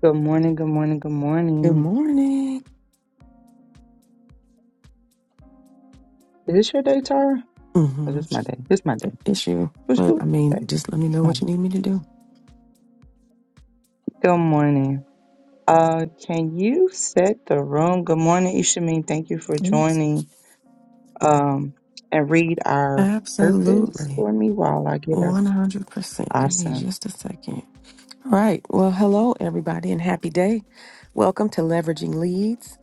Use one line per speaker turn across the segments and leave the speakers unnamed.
Good morning, good morning, good
Good
morning.
morning.
Is this your day, Tara? Or
Mm-hmm.
this my day? This my day.
Issue,
Who's
but
who
I mean,
today?
just let me know
Huh.
what you need me to do.
Good morning. Uh can you set the room? Good morning, Ishameen. Thank you for
Thanks.
joining. Um and read our purpose
Absolutely,
for me while I get our
one hundred percent. Give me
awesome.
just a second. All right. Well, hello everybody, and happy day. Welcome to Leveraging Leads.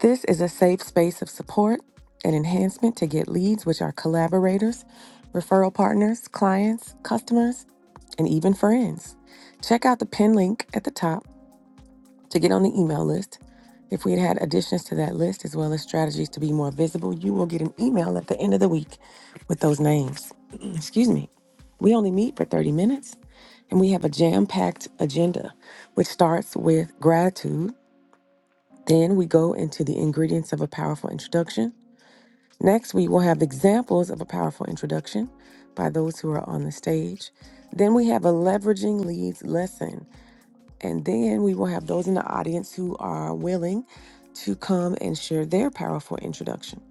This is a safe space of support and enhancement to get leads, which are collaborators, referral partners, clients, customers, and even friends. Check out the pin link at the top to get on the email list. If we had had additions to that list, as well as strategies to be more visible, you will get an email at the end of the week with those names. Excuse me. We only meet for 30 minutes and we have a jam packed agenda, which starts with gratitude. Then we go into the ingredients of a powerful introduction. Next, we will have examples of a powerful introduction by those who are on the stage. Then we have a leveraging leads lesson and then we will have those in the audience who are willing to come and share their powerful introduction.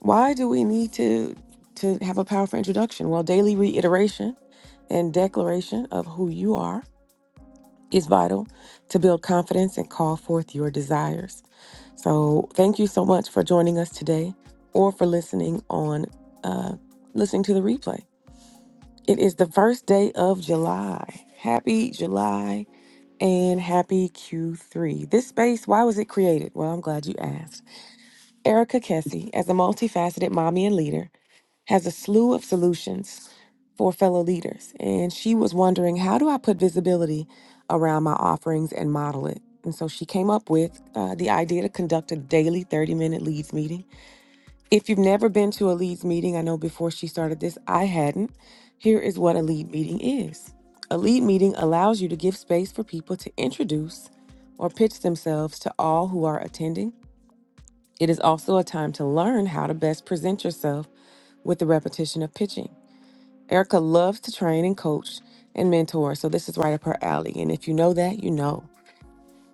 Why do we need to to have a powerful introduction? Well, daily reiteration and declaration of who you are is vital to build confidence and call forth your desires. So, thank you so much for joining us today or for listening on uh listening to the replay. It is the first day of July. Happy July and happy Q3. This space, why was it created? Well, I'm glad you asked. Erica Kessie, as a multifaceted mommy and leader, has a slew of solutions for fellow leaders. And she was wondering, how do I put visibility around my offerings and model it? And so she came up with uh, the idea to conduct a daily 30 minute leads meeting if you've never been to a leads meeting, I know before she started this, I hadn't. Here is what a lead meeting is a lead meeting allows you to give space for people to introduce or pitch themselves to all who are attending. It is also a time to learn how to best present yourself with the repetition of pitching. Erica loves to train and coach and mentor, so this is right up her alley. And if you know that, you know.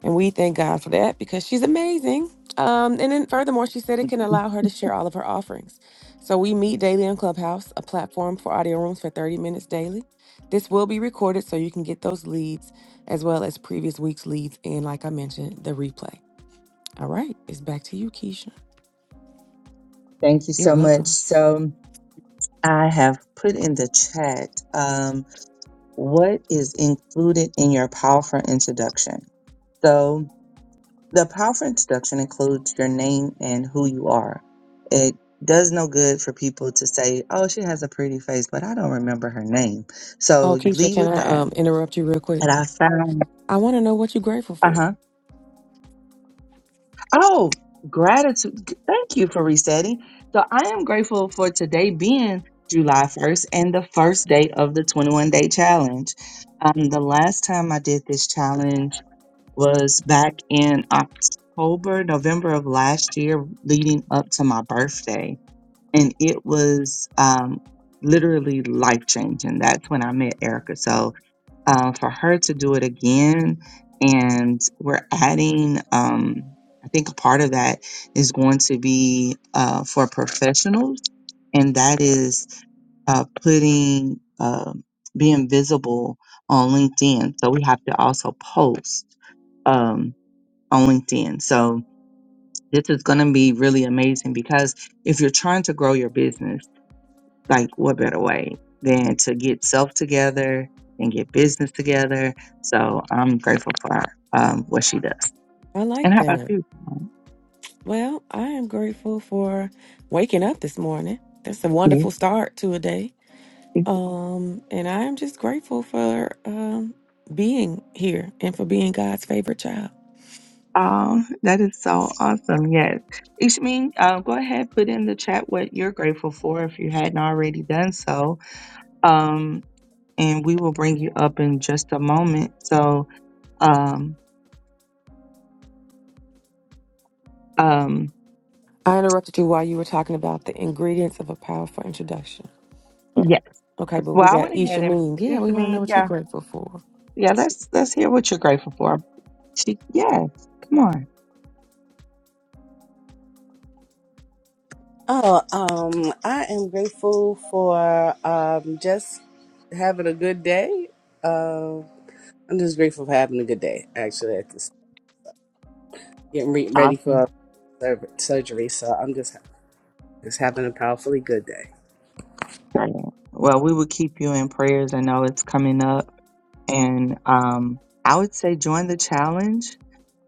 And we thank God for that because she's amazing. Um, and then furthermore, she said it can allow her to share all of her offerings. So we meet daily on Clubhouse, a platform for audio rooms for 30 minutes daily. This will be recorded so you can get those leads as well as previous week's leads and, like I mentioned, the replay. All right, it's back to you, Keisha.
Thank you
You're
so much.
welcome.
So I have put in the chat um what is included in your powerful introduction. So. The powerful introduction includes your name and who you are. It does no good for people to say, oh, she has a pretty face, but I don't remember her name. So
Oh,
you
Keisha,
lead
can
with
I
that.
um, interrupt you real quick?
And I found,
I want to know what you're grateful
uh huh.
for.
Oh, gratitude. Thank you for resetting. So I am grateful for today being July 1st and the first day of the 21 day challenge. Um, the last time I did this challenge, was back in October, November of last year, leading up to my birthday. And it was um, literally life changing. That's when I met Erica. So uh, for her to do it again, and we're adding, um, I think a part of that is going to be uh, for professionals, and that is uh, putting, uh, being visible on LinkedIn. So we have to also post Um, on LinkedIn. So this is going to be really amazing because if you're trying to grow your business, like what better way than to get self together and get business together? So I'm grateful for um, what she does.
I like
And how about
that.
you?
Well, I am grateful for waking up this morning. That's a wonderful start to a day.
Yes.
Um, and I am just grateful for um being here and for being God's favorite child.
Um, that is so awesome. Yes. Ishmin, uh, go ahead, put in the chat what you're grateful for if you hadn't already done so. Um, and we will bring you up in just a moment. So, um, um,
I interrupted you while you were talking about the ingredients of a powerful introduction. But
yes.
okay, but we
Well, I
got
went
Isha
ahead and
Mean. Yeah,
it's I
we want to know
mean,
what you're
yeah.
grateful for.
Yeah, let's let's hear what you're grateful for. She yes. Come on.
Oh, um, I am grateful for um just having a good day. Uh, I'm just grateful for having a good day. Actually, at this getting re- ready
Awesome.
for sur- surgery, so I'm just just having a powerfully good day.
Brilliant. Well, we will keep you in prayers. I know it's coming up. And um I would say join the challenge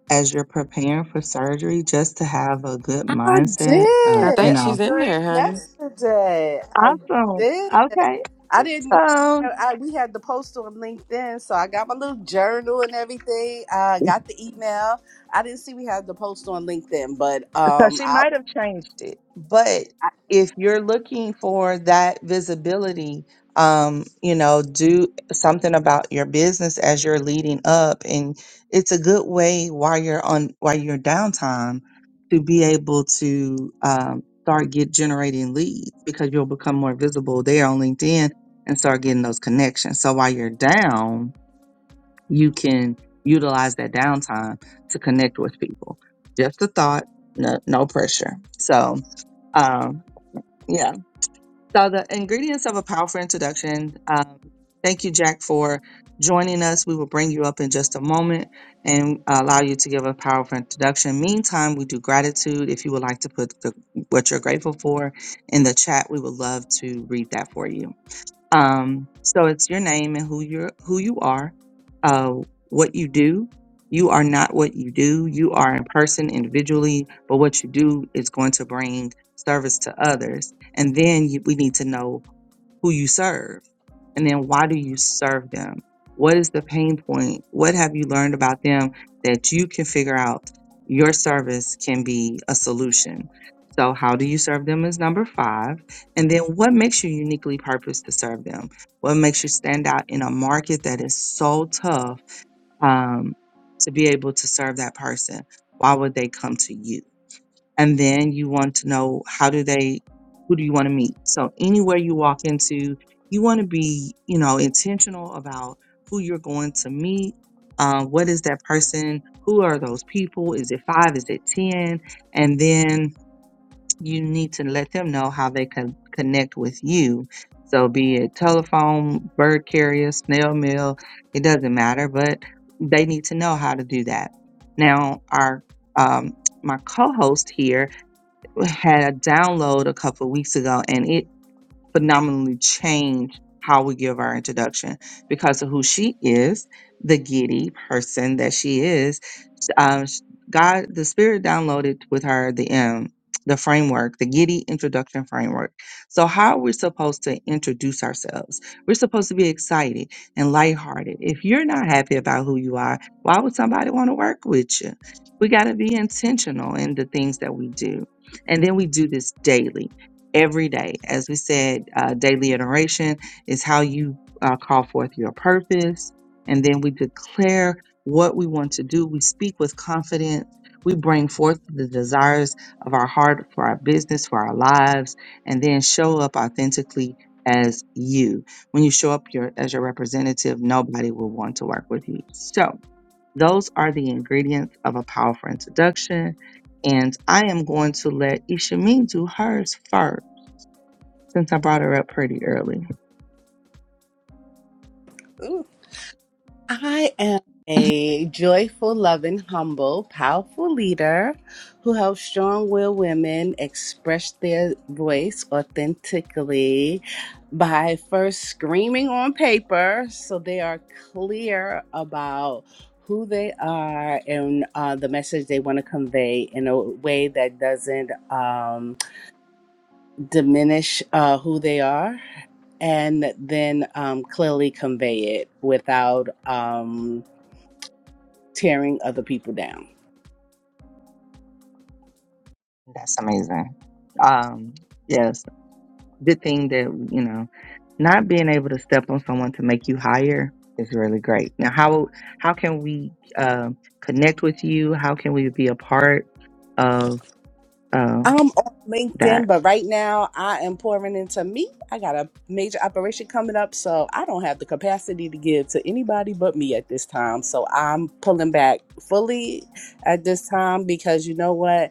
as you're preparing for surgery just to have a good
I
mindset of,
I
you
did.
think
I
she's
know.
in
drank
there, honey.
yesterday. I
Awesome.
did.
Okay.
I didn't.
So.
I, we had the post on LinkedIn, so I got my little journal and everything. I got the email. I didn't see we had the post on LinkedIn, but
So
um,
she
I'll
might have changed it, but
I,
if you're looking for that visibility, um, you know, do something about your business as you're leading up, and it's a good way while you're on while you're downtime to be able to um, start get generating leads because you'll become more visible there on LinkedIn and start getting those connections. So while you're down, you can utilize that downtime to connect with people. Just a thought, no, no pressure. So, um, yeah. So, the ingredients of a powerful introduction. Um, thank you, Jack, for joining us. We will bring you up in just a moment and allow you to give a powerful introduction. Meantime, we do gratitude. If you would like to put the, what you're grateful for in the chat, we would love to read that for you. Um, so it's your name and who you're who you are, uh, what you do. You are not what you do. You are in person individually, but what you do is going to bring service to others. And then you, we need to know who you serve and then why do you serve them? What is the pain point? What have you learned about them that you can figure out your service can be a solution? So, how do you serve them is number five. And then, what makes you uniquely purposed to serve them? What makes you stand out in a market that is so tough um, to be able to serve that person? Why would they come to you? and then you want to know how do they who do you want to meet so anywhere you walk into you want to be you know intentional about who you're going to meet um, what is that person who are those people is it five is it ten and then you need to let them know how they can connect with you so be it telephone bird carrier snail mail it doesn't matter but they need to know how to do that now our um, my co-host here had a download a couple of weeks ago and it phenomenally changed how we give our introduction because of who she is, the giddy person that she is uh, sh- God, the Spirit downloaded with her the um, the framework, the Giddy introduction framework. So, how we're supposed to introduce ourselves? We're supposed to be excited and lighthearted. If you're not happy about who you are, why would somebody want to work with you? We got to be intentional in the things that we do, and then we do this daily, every day. As we said, uh, daily iteration is how you uh, call forth your purpose, and then we declare what we want to do. We speak with confidence. We bring forth the desires of our heart for our business, for our lives, and then show up authentically as you. When you show up your, as your representative, nobody will want to work with you. So, those are the ingredients of a powerful introduction. And I am going to let Ishamin do hers first since I brought her up pretty early.
ooh, I am a joyful, loving, humble, powerful leader who helps strong willed women express their voice authentically by first screaming on paper so they are clear about who they are and uh, the message they want to convey in a way that doesn't um, diminish uh, who they are and then um, clearly convey it without um, tearing other people down.
That's amazing. Um, yes. the thing that you know not being able to step on someone to make you higher is really great now how how can we um connect with you how can we be a part of
I'm
um
on LinkedIn,
that
but right now I am pouring into me. I got a major operation coming up, so I don't have the capacity to give to anybody but me at this time. So I'm pulling back fully at this time because you know what?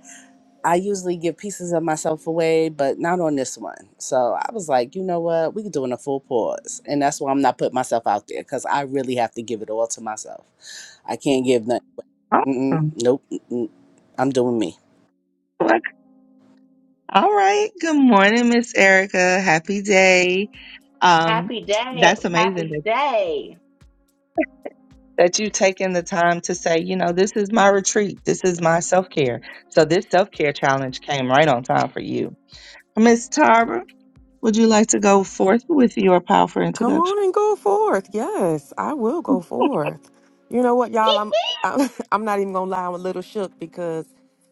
I usually give pieces of myself away, but not on this one. So I was like, you know what? We're doing a full pause. And that's why I'm not putting myself out there because I really have to give it all to myself. I can't give nothing. Mm-mm,
awesome
nope. Mm-mm. I'm doing me.
Look, all right good morning miss erica happy day um
Happy day.
that's amazing
Happy
that,
day.
that you've taken the time to say you know this is my retreat this is my self-care so this self-care challenge came right on time for you miss tara Would you like to go forth with your powerful
Come
introduction?
on and go forth. Yes, I will go forth. You know what, y'all? I'm I'm, I'm not even gonna lie. I'm a little shook because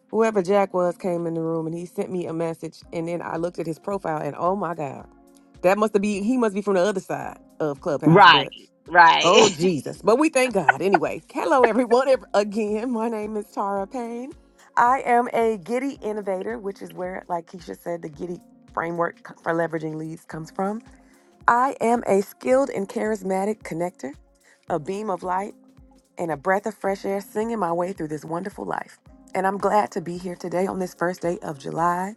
whoever Jack was came in the room and he sent me a message, and then I looked at his profile, and oh my god, that must be he must be from the other side of Clubhouse.
Right,
But oh
right.
Jesus! But we thank God anyway. Hello, everyone. ev- Again, my name is Tara Payne. I am a Giddy innovator, which is where, like Keisha said, the Giddy framework c- for leveraging leads comes from. I am a skilled and charismatic connector, a beam of light, and a breath of fresh air singing my way through this wonderful life. And I'm glad to be here today on this first day of July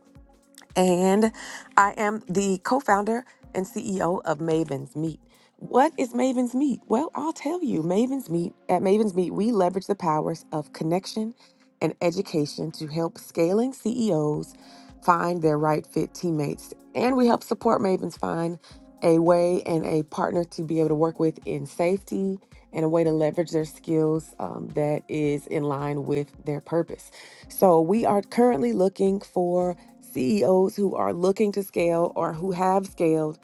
and I am the co founder and CEO of Maven's Meet. What is Maven's Meet? Well, I'll tell you. Maven's Meet, at Maven's Meet, we leverage the powers of connection and education to help scaling CEOs find their right fit teammates. And we help support Mavens find a way and a partner to be able to work with in safety and a way to leverage their skills um, that is in line with their purpose. So we are currently looking for CEOs who are looking to scale or who have scaled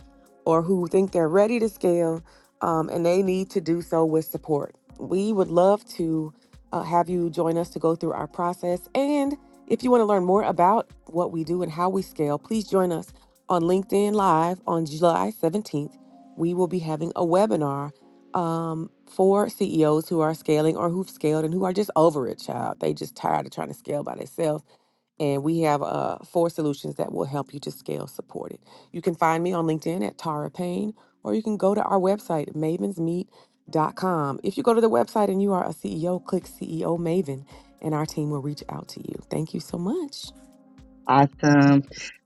or who think they're ready to scale um, and they need to do so with support. We would love to uh, have you join us to go through our process. And if you want to learn more about what we do and how we scale, please join us on LinkedIn Live on July 17th. We will be having a webinar um, for CEOs who are scaling or who've scaled and who are just over it, child. They just tired of trying to scale by themselves and we have uh, four solutions that will help you to scale supported. You can find me on LinkedIn at Tara Payne, or you can go to our website, mavens meet dot com. If you go to the website and you are a CEO, click CEO Maven, and our team will reach out to you. Thank you so much.
Awesome.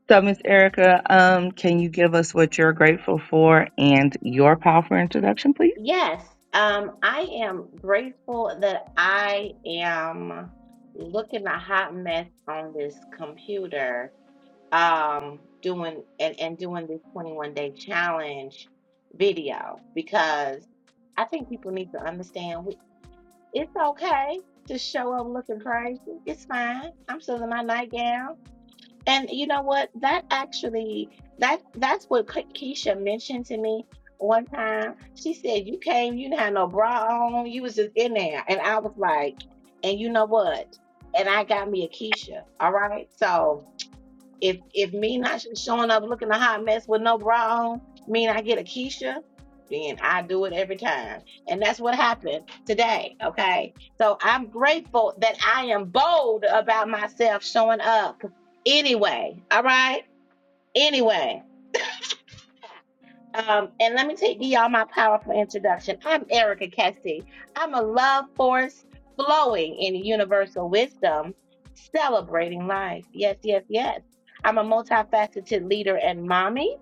So, Miss Erica, um, can you give us what you're grateful for and your powerful introduction, please?
Yes, um, I am grateful that I am looking a hot mess on this computer, um, doing and, and doing this 21 day challenge video because I think people need to understand we, it's okay to show up looking crazy. It's fine. I'm still in my nightgown. And you know what? That actually, that that's what Ke- Keisha mentioned to me one time. She said, "You came, you didn't have no bra on, you was just in there." And I was like, "And you know what?" And I got me a Keisha. All right, so. If if me not sh- showing up looking a hot mess with no bra on mean I get a Keisha, then I do it every time. And that's what happened today. Okay. So I'm grateful that I am bold about myself showing up anyway. All right. Anyway. Um, and let me take you all my powerful introduction. I'm Erica Cassie. I'm a love force flowing in universal wisdom, celebrating life. Yes, yes, yes. I'm a multifaceted leader and mommy.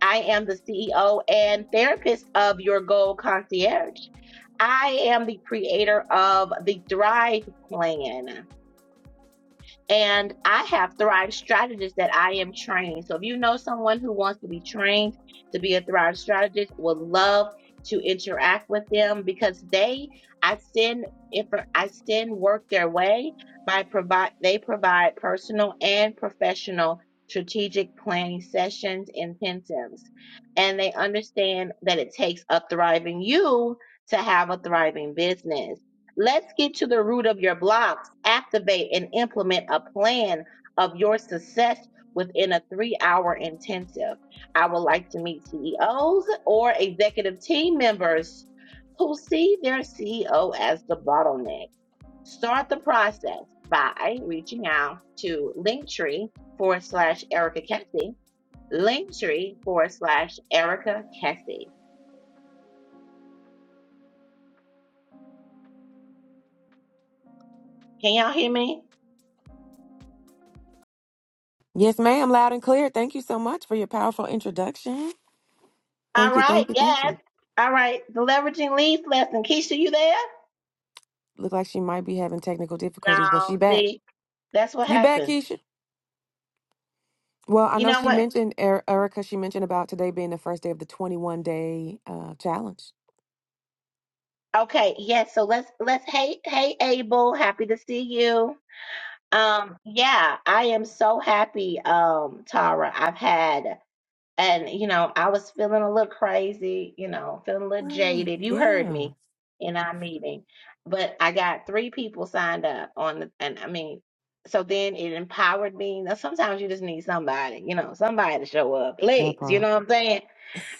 I am the CEO and therapist of Your Goal Concierge. I am the creator of the Thrive Plan. And I have Thrive strategists that I am training. So if you know someone who wants to be trained to be a Thrive strategist, would love to interact with them because they, I send if I send work their way by provide they provide personal and professional strategic planning sessions intensives and they understand that it takes a thriving you to have a thriving business Let's get to the root of your blocks, activate and implement a plan of your success within a three hour intensive. I would like to meet CEOs or executive team members who see their CEO as the bottleneck. Start the process by reaching out to Linktree forward slash Erica Kessie, Linktree forward slash Erica Kessie. Can y'all hear me?
Yes, ma'am, loud and clear. Thank you so much for your powerful introduction.
All
Thank you,
right,
thank you, thank
yes.
you.
All right, the leveraging leads lesson. Keisha, you there?
Look like she might be having technical difficulties, but she
No,
back.
see, that's what
You back,
happens.
Keisha? Well, I
You
know
know
she
what?
mentioned, Er- Erica, she mentioned about today being the first day of the 21 day uh, challenge.
Okay, yes. So let's let's hey hey Abel, happy to see you. Um, yeah, I am so happy, um, Tara. I've had And, you know, I was feeling a little crazy, you know, feeling a little
Mm,
jaded. You heard
yeah,
me in our meeting. But I got three people signed up on the, and I mean, so then it empowered me. Now, sometimes you just need somebody, you know, somebody to show up.
that
Please, you
part.
know what I'm saying?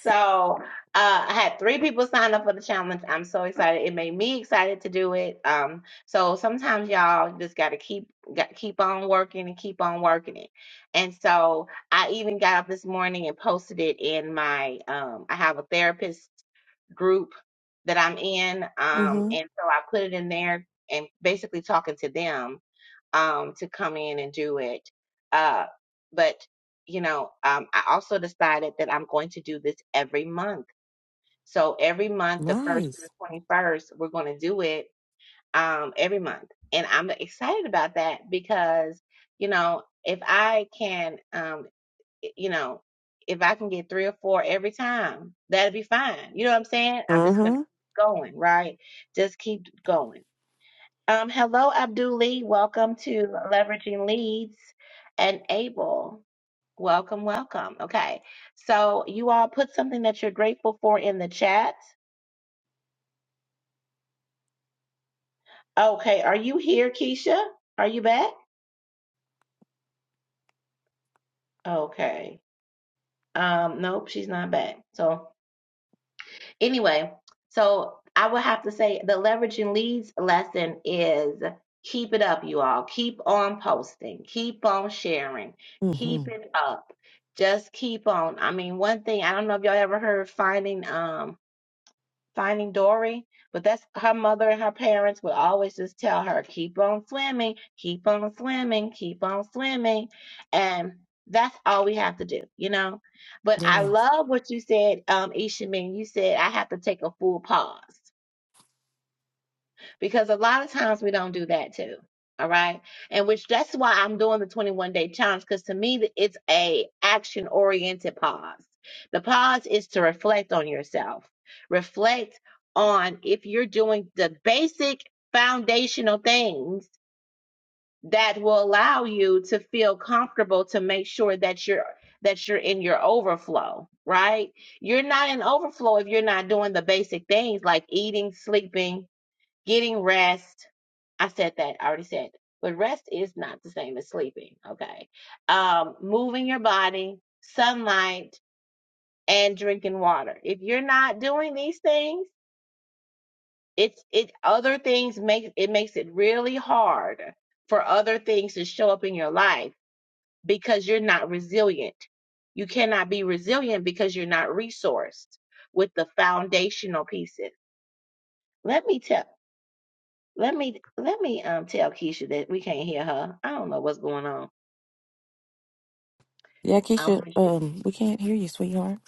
So uh, I had three people sign up for the challenge. I'm so excited. It made me excited to do it. Um, so sometimes y'all just got to keep got, keep on working and keep on working it. And so I even got up this morning and posted it in my. Um, I have a therapist group that I'm in, um,
Mm-hmm.
and so I put it in there and basically talking to them um, to come in and do it. Uh, but you know, um, I also decided that I'm going to do this every month. So every month, the first to
Nice.
the 21st, we're going to do it um, every month, and I'm excited about that because you know, if I can, um, you know, if I can get three or four every time, that'd be fine. You know what I'm saying? I'm just gonna
Mm-hmm.
keep going, right? Just keep going um, hello, Abdul Lee. Welcome to Leveraging Leads and Able. Welcome, welcome. Okay, so you all put something that you're grateful for in the chat. Okay, are you here, Keisha? Are you back? Okay. Um, nope, she's not back. So Anyway, so I would have to say the leveraging leads lesson is keep it up, you all. Keep on posting, keep on sharing,
Mm-hmm.
keep it up. Just keep on. I mean, one thing I don't know if y'all ever heard finding um Finding Dory, but that's her mother and her parents would always just tell her, keep on swimming, keep on swimming, keep on swimming. And that's all we have to do, you know? But I
Yeah.
love what you said, um, Ishamin. You said I have to take a full pause because a lot of times we don't do that too. All right. And which that's why I'm doing the 21 day challenge because to me it's a action oriented pause. The pause is to reflect on yourself. Reflect on if you're doing the basic foundational things that will allow you to feel comfortable to make sure that you're that you're in your overflow, right? You're not in overflow if you're not doing the basic things like eating, sleeping, getting rest, I said that. I already said. that. But rest is not the same as sleeping. Okay. Um, moving your body, sunlight, and drinking water. If you're not doing these things, it's it other things make it makes it really hard for other things to show up in your life because you're not resilient. You cannot be resilient because you're not resourced with the foundational pieces. Let me tell let me let me um tell Keisha that we can't hear her. I don't know what's going on.
Yeah,
I wonder
Keisha,
if she
um, we can't hear you, sweetheart.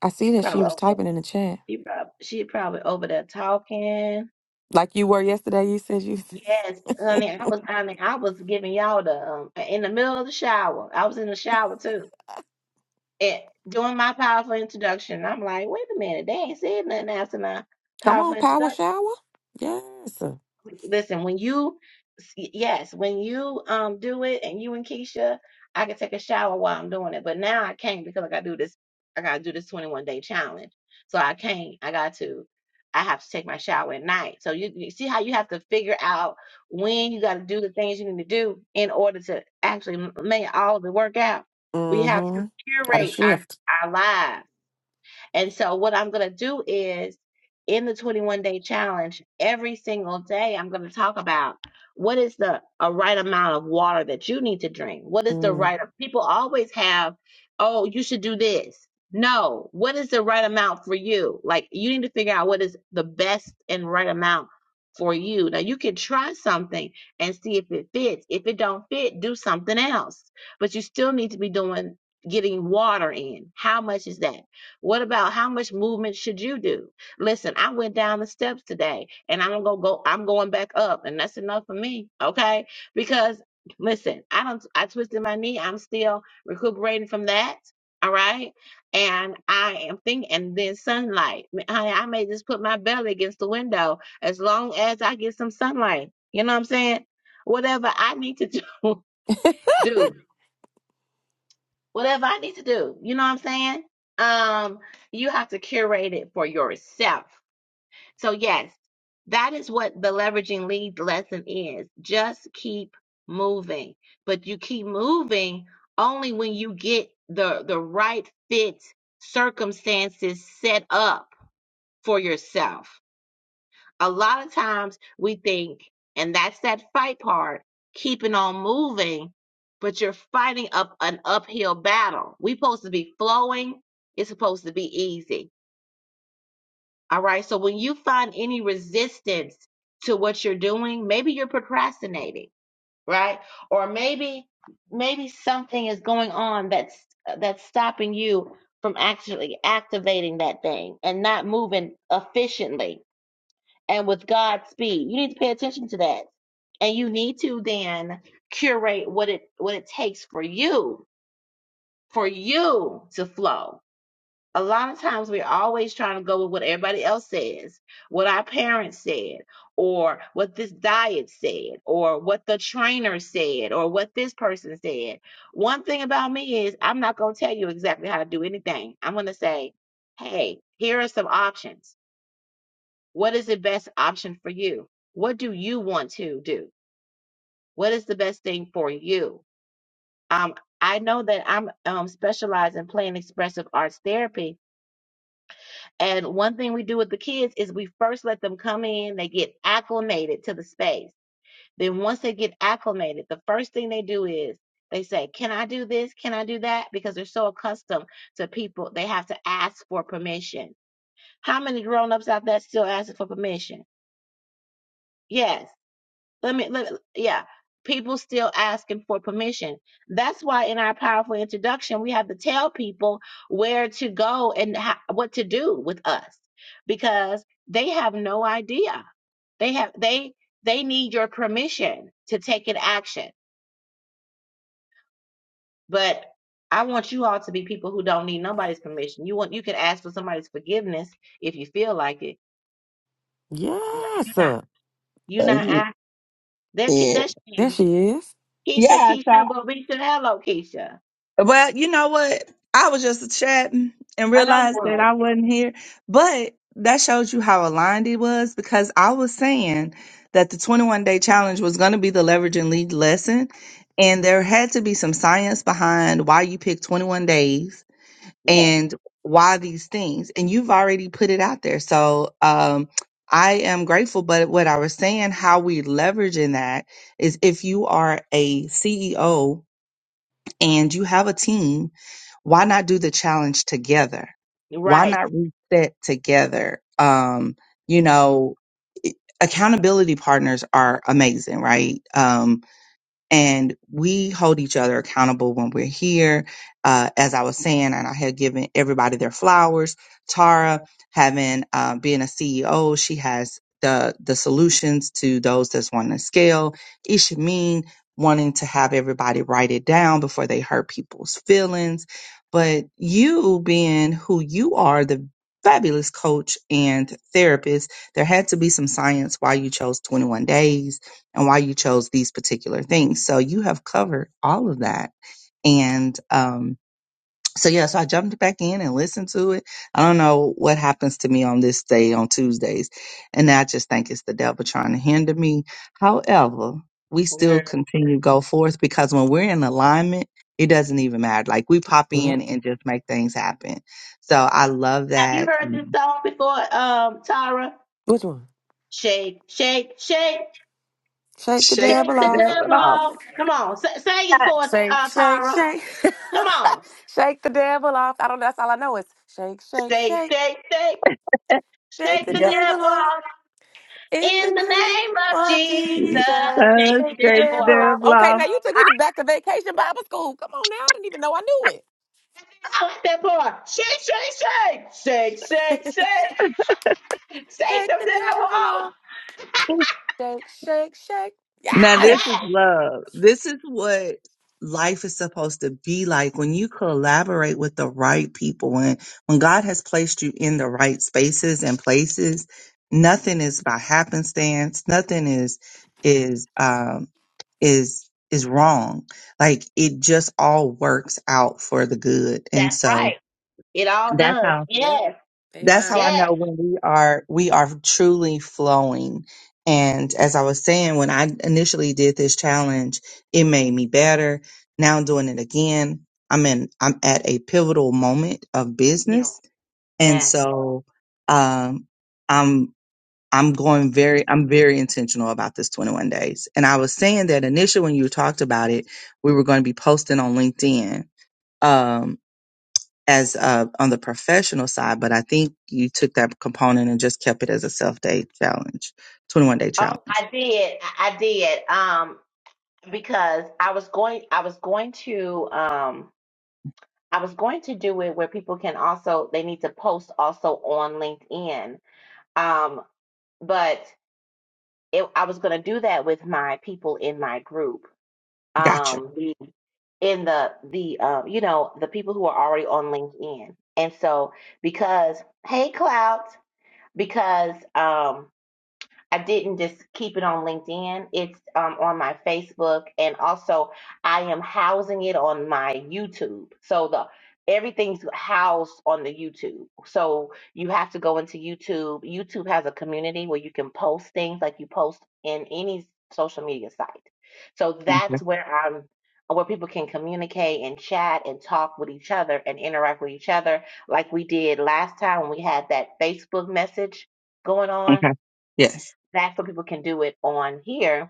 I see
she
that she
probably
was
over
typing in the chat.
she probably she probably over there talking.
Like you were yesterday, you said you
Yes, honey, I was honey, I was giving y'all the um in the middle of the shower. I was in the shower too. And doing my powerful introduction. I'm like, wait a minute, they ain't said nothing after my
come
powerful
on, power
introduction.
shower. Yes. sir.
Listen, when you, yes, when you um do it and you and Keisha, I can take a shower while I'm doing it. But now I can't because I gotta do this. I gotta do this 21 day challenge. So I can't. I got to. I have to take my shower at night. So you, you see how you have to figure out when you got to do the things you need to do in order to actually m- make all the work out. We have to
Mm-hmm. Got a
curate our
shift.
our lives. And so, what I'm going to do is in the 21 day challenge, every single day, I'm going to talk about what is the a right amount of water that you need to drink. What is the
Mm.
right? People always have, oh, you should do this. No, what is the right amount for you? Like, you need to figure out what is the best and right amount for you. Now, you can try something and see if it fits. If it don't fit, do something else. But you still need to be doing getting water in. How much is that? What about how much movement should you do? Listen, I went down the steps today and I'm gonna go, I'm going back up, and that's enough for me, okay? Because listen, I don't I twisted my knee, I'm still recuperating from that. All right. And I am thinking, and then sunlight. M- Honey, I may just put my belly against the window as long as I get some sunlight. You know what I'm saying? Whatever I need to do, do whatever I need to do. You know what I'm saying? Um, you have to curate it for yourself. So yes, that is what the leveraging lead lesson is. Just keep moving. But you keep moving only when you get the the right fit circumstances set up for yourself a lot of times we think, and that's that fight part, keeping on moving, but you're fighting up an uphill battle. We are supposed to be flowing, it's supposed to be easy. All right. So when you find any resistance to what you're doing, maybe you're procrastinating, right? Or maybe maybe something is going on that's that's stopping you from actually activating that thing and not moving efficiently and with Godspeed. You need to pay attention to that. And you need to then curate what it what it takes for you, for you to flow. A lot of times we're always trying to go with what everybody else says, what our parents said, or what this diet said, or what the trainer said, or what this person said. One thing about me is I'm not gonna tell you exactly how to do anything. I'm gonna say, hey, here are some options what is the best option for you? What do you want to do? What is the best thing for you? Um, I know that I'm um, specialized in playing expressive arts therapy. And one thing we do with the kids is we first let them come in, they get acclimated to the space. Then, once they get acclimated, the first thing they do is they say, Can I do this? Can I do that? Because they're so accustomed to people, they have to ask for permission. How many grown ups out there still asking for permission? Yes Let me let, yeah. People still asking for permission. That's why in our powerful introduction, we have to tell people where to go and ho- what to do with us because they have no idea. They have they they need your permission to take an action. But I want you all to be people who don't need nobody's permission. You want you can ask for somebody's forgiveness if you feel like it. N-
Yes.
You're not
sir.
you're
Thank
not
you.
asking. There, Ke-
Yeah.
there she
There
is.
she is.
Keisha,
Yeah.
Keisha, Bobisha, hello, Keisha.
Well, you know what? I was just chatting and
I know you
realized that
would.
I wasn't here, but that shows you how aligned he was because I was saying that the 21 day challenge was going to be the leverage and lead lesson. And there had to be some science behind why you picked 21 days
Yes,
and why these things. And you've already put it out there. So, um, I am grateful, but what I was saying, how we leverage in that is if you are a CEO and you have a team, why not do the challenge together?
you're
Why
right.
not reset together? Um, you know, it- accountability partners are amazing, right? Um, and we hold each other accountable when we're here. Uh, as I was saying, and I had given everybody their flowers. Tara, having uh, being a CEO, she has the the solutions to those that's wanting to scale. Ishameen wanting to have everybody write it down before they hurt people's feelings. But you being who you are, the fabulous coach and therapist, there had to be some science why you chose 21 days and why you chose these particular things. So you have covered all of that. And um, so, yeah, so I jumped back in and listened to it. I don't know what happens to me on this day, on Tuesdays. And I just think it's the devil trying to hinder me. However, we
Girl.
still continue to go forth because when we're in alignment, it doesn't even matter. Like we pop
Yep.
in and just make things happen. So I love
Have you
that.
heard this
Um,
song before, um, Tara?
Which one?
Shake, shake, shake,
Shake the
Shake
shake
devil
the
the
off.
devil
devil
off.
off. Come on, sa- sing it for us,
Shake,
uh,
shake,
Tara.
shake.
Come on.
shake the devil off. I don't know. That's all I know is shake, shake,
Shake,
shake.
shake, shake,
Shake
shake
the
the
Yep.
devil
devil
off
off.
in the
In the
name
name of
of
Jesus,
Jesus.
Uh,
shake
Shake
the
the
shake
devil
the
devil
off.
off.
devil
Okay, now
off.
you took me to back to vacation Bible school. Come on now. I didn't even know I knew it.
I like that part. Shake, shake, shake, shake, shake, shake, shake
Shake
the
the
devil
devil
off.
off. Shake, shake, shake.
Now,
Yes.
this is
Yes,
love. This is what life is supposed to be like when you collaborate with the right people. When, when God has placed you in the right spaces and places, nothing is by happenstance. Nothing is, is, um, is, is wrong. Like it just all works out for the good. And
that's
so
right. It all
that's how
does.
Yep.
Yes,
that's how I
Amen.
yes.
know when we are we are truly flowing. And as I was saying, when I initially did this challenge, it made me better. Now I'm doing it again. I'm in I'm at a pivotal moment of
Yeah.
business. And
Yes.
so um I'm I'm going very I'm very intentional about this 21 days. And I was saying that initially when you talked about it, we were going to be posting on LinkedIn. Um as uh, on the professional side, but I think you took that component and just kept it as a self day challenge, 21 day
Oh,
challenge.
I did. I I did. Um, because I was going, I was going to, um, I was going to do it where people can also, they need to post also on LinkedIn. Um, but it, I was going to do that with my people in my group.
Gotcha.
Um, the- in the, the, uh, you know, the people who are already on LinkedIn. And so because, hey, Clout, because, um. I didn't just keep it on LinkedIn. It's um, on my Facebook, and also I am housing it on my YouTube. So the everything's housed on the YouTube. So you have to go into YouTube. YouTube has a community where you can post things like you post in any social media site. So that's
Okay.
where I'm where people can communicate and chat and talk with each other and interact with each other like we did last time when we had that Facebook message going on
Okay. Yes.
that's what people can do it on here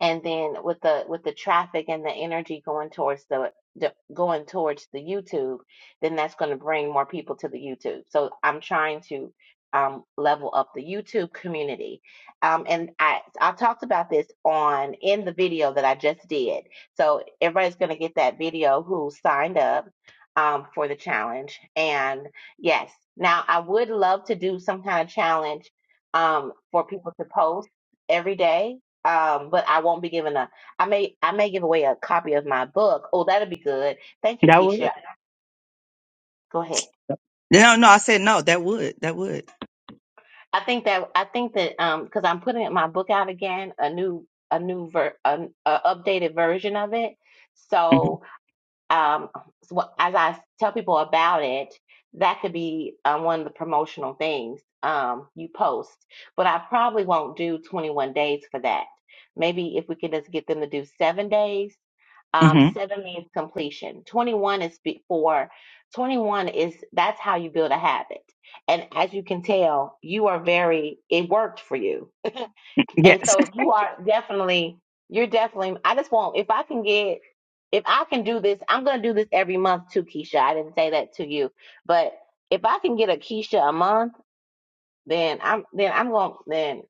and then with the with the traffic and the energy going towards the, the going towards the YouTube, then that's going to bring more people to the YouTube. So I'm trying to um, level up the YouTube community, um, and I I talked about this on in the video that I just did. So everybody's going to get that video who signed up um, for the challenge. And yes, now I would love to do some kind of challenge um, for people to post every day um, but I won't be giving a. I may I may give away a copy of my book. Oh, that will be good. Thank you,
That would.
Keisha. Go ahead.
No, no, I said no, that would. That would.
I think that I think that um because I'm putting my book out again, a new a new ver an a updated version of it.
hmm
So um so what- as I tell people about it, that could be um, one of the promotional things um you post. But I probably won't do 21 days for that. Maybe if we could just get them to do seven days Um,
hmm
seven means completion. 21 is before. 21 is that's how you build a habit. And as you can tell, you are very, it worked for you. And
Yes.
so you are definitely, you're definitely, I just want, if I can get, if I can do this, I'm going to do this every month too, Keisha. I didn't say that to you, but if I can get a Keisha a month, then I'm, then I'm going, to then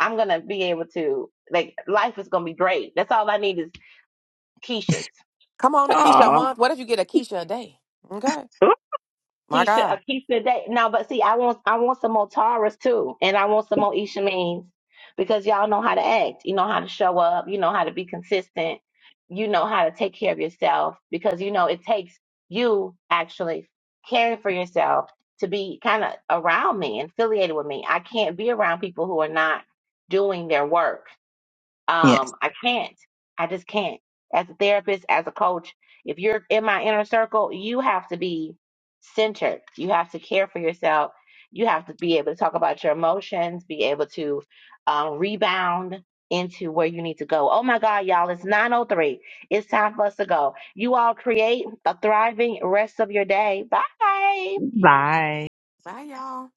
I'm going to be able to, like, life is going to be great. That's all I need is Keisha's.
Come on, Akeisha a
Aw.
month. What if you get Akeisha a day? Okay. My
Keisha, uh,
God.
Keisha Day. No, but see, I want I want some more Taras too, and I want some more Isha means because y'all know how to act. You know how to show up. You know how to be consistent. You know how to take care of yourself because you know it takes you actually caring for yourself to be kind of around me and affiliated with me. I can't be around people who are not doing their work.
Yes.
Um, I can't. I just can't. As a therapist, as a coach, if you're in my inner circle, you have to be centered. You have to care for yourself. You have to be able to talk about your emotions, be able to um, rebound into where you need to go. Oh my God, y'all, it's 9.03. It's time for us to go. You all create a thriving rest of your day. Bye.
Bye.
Bye, y'all.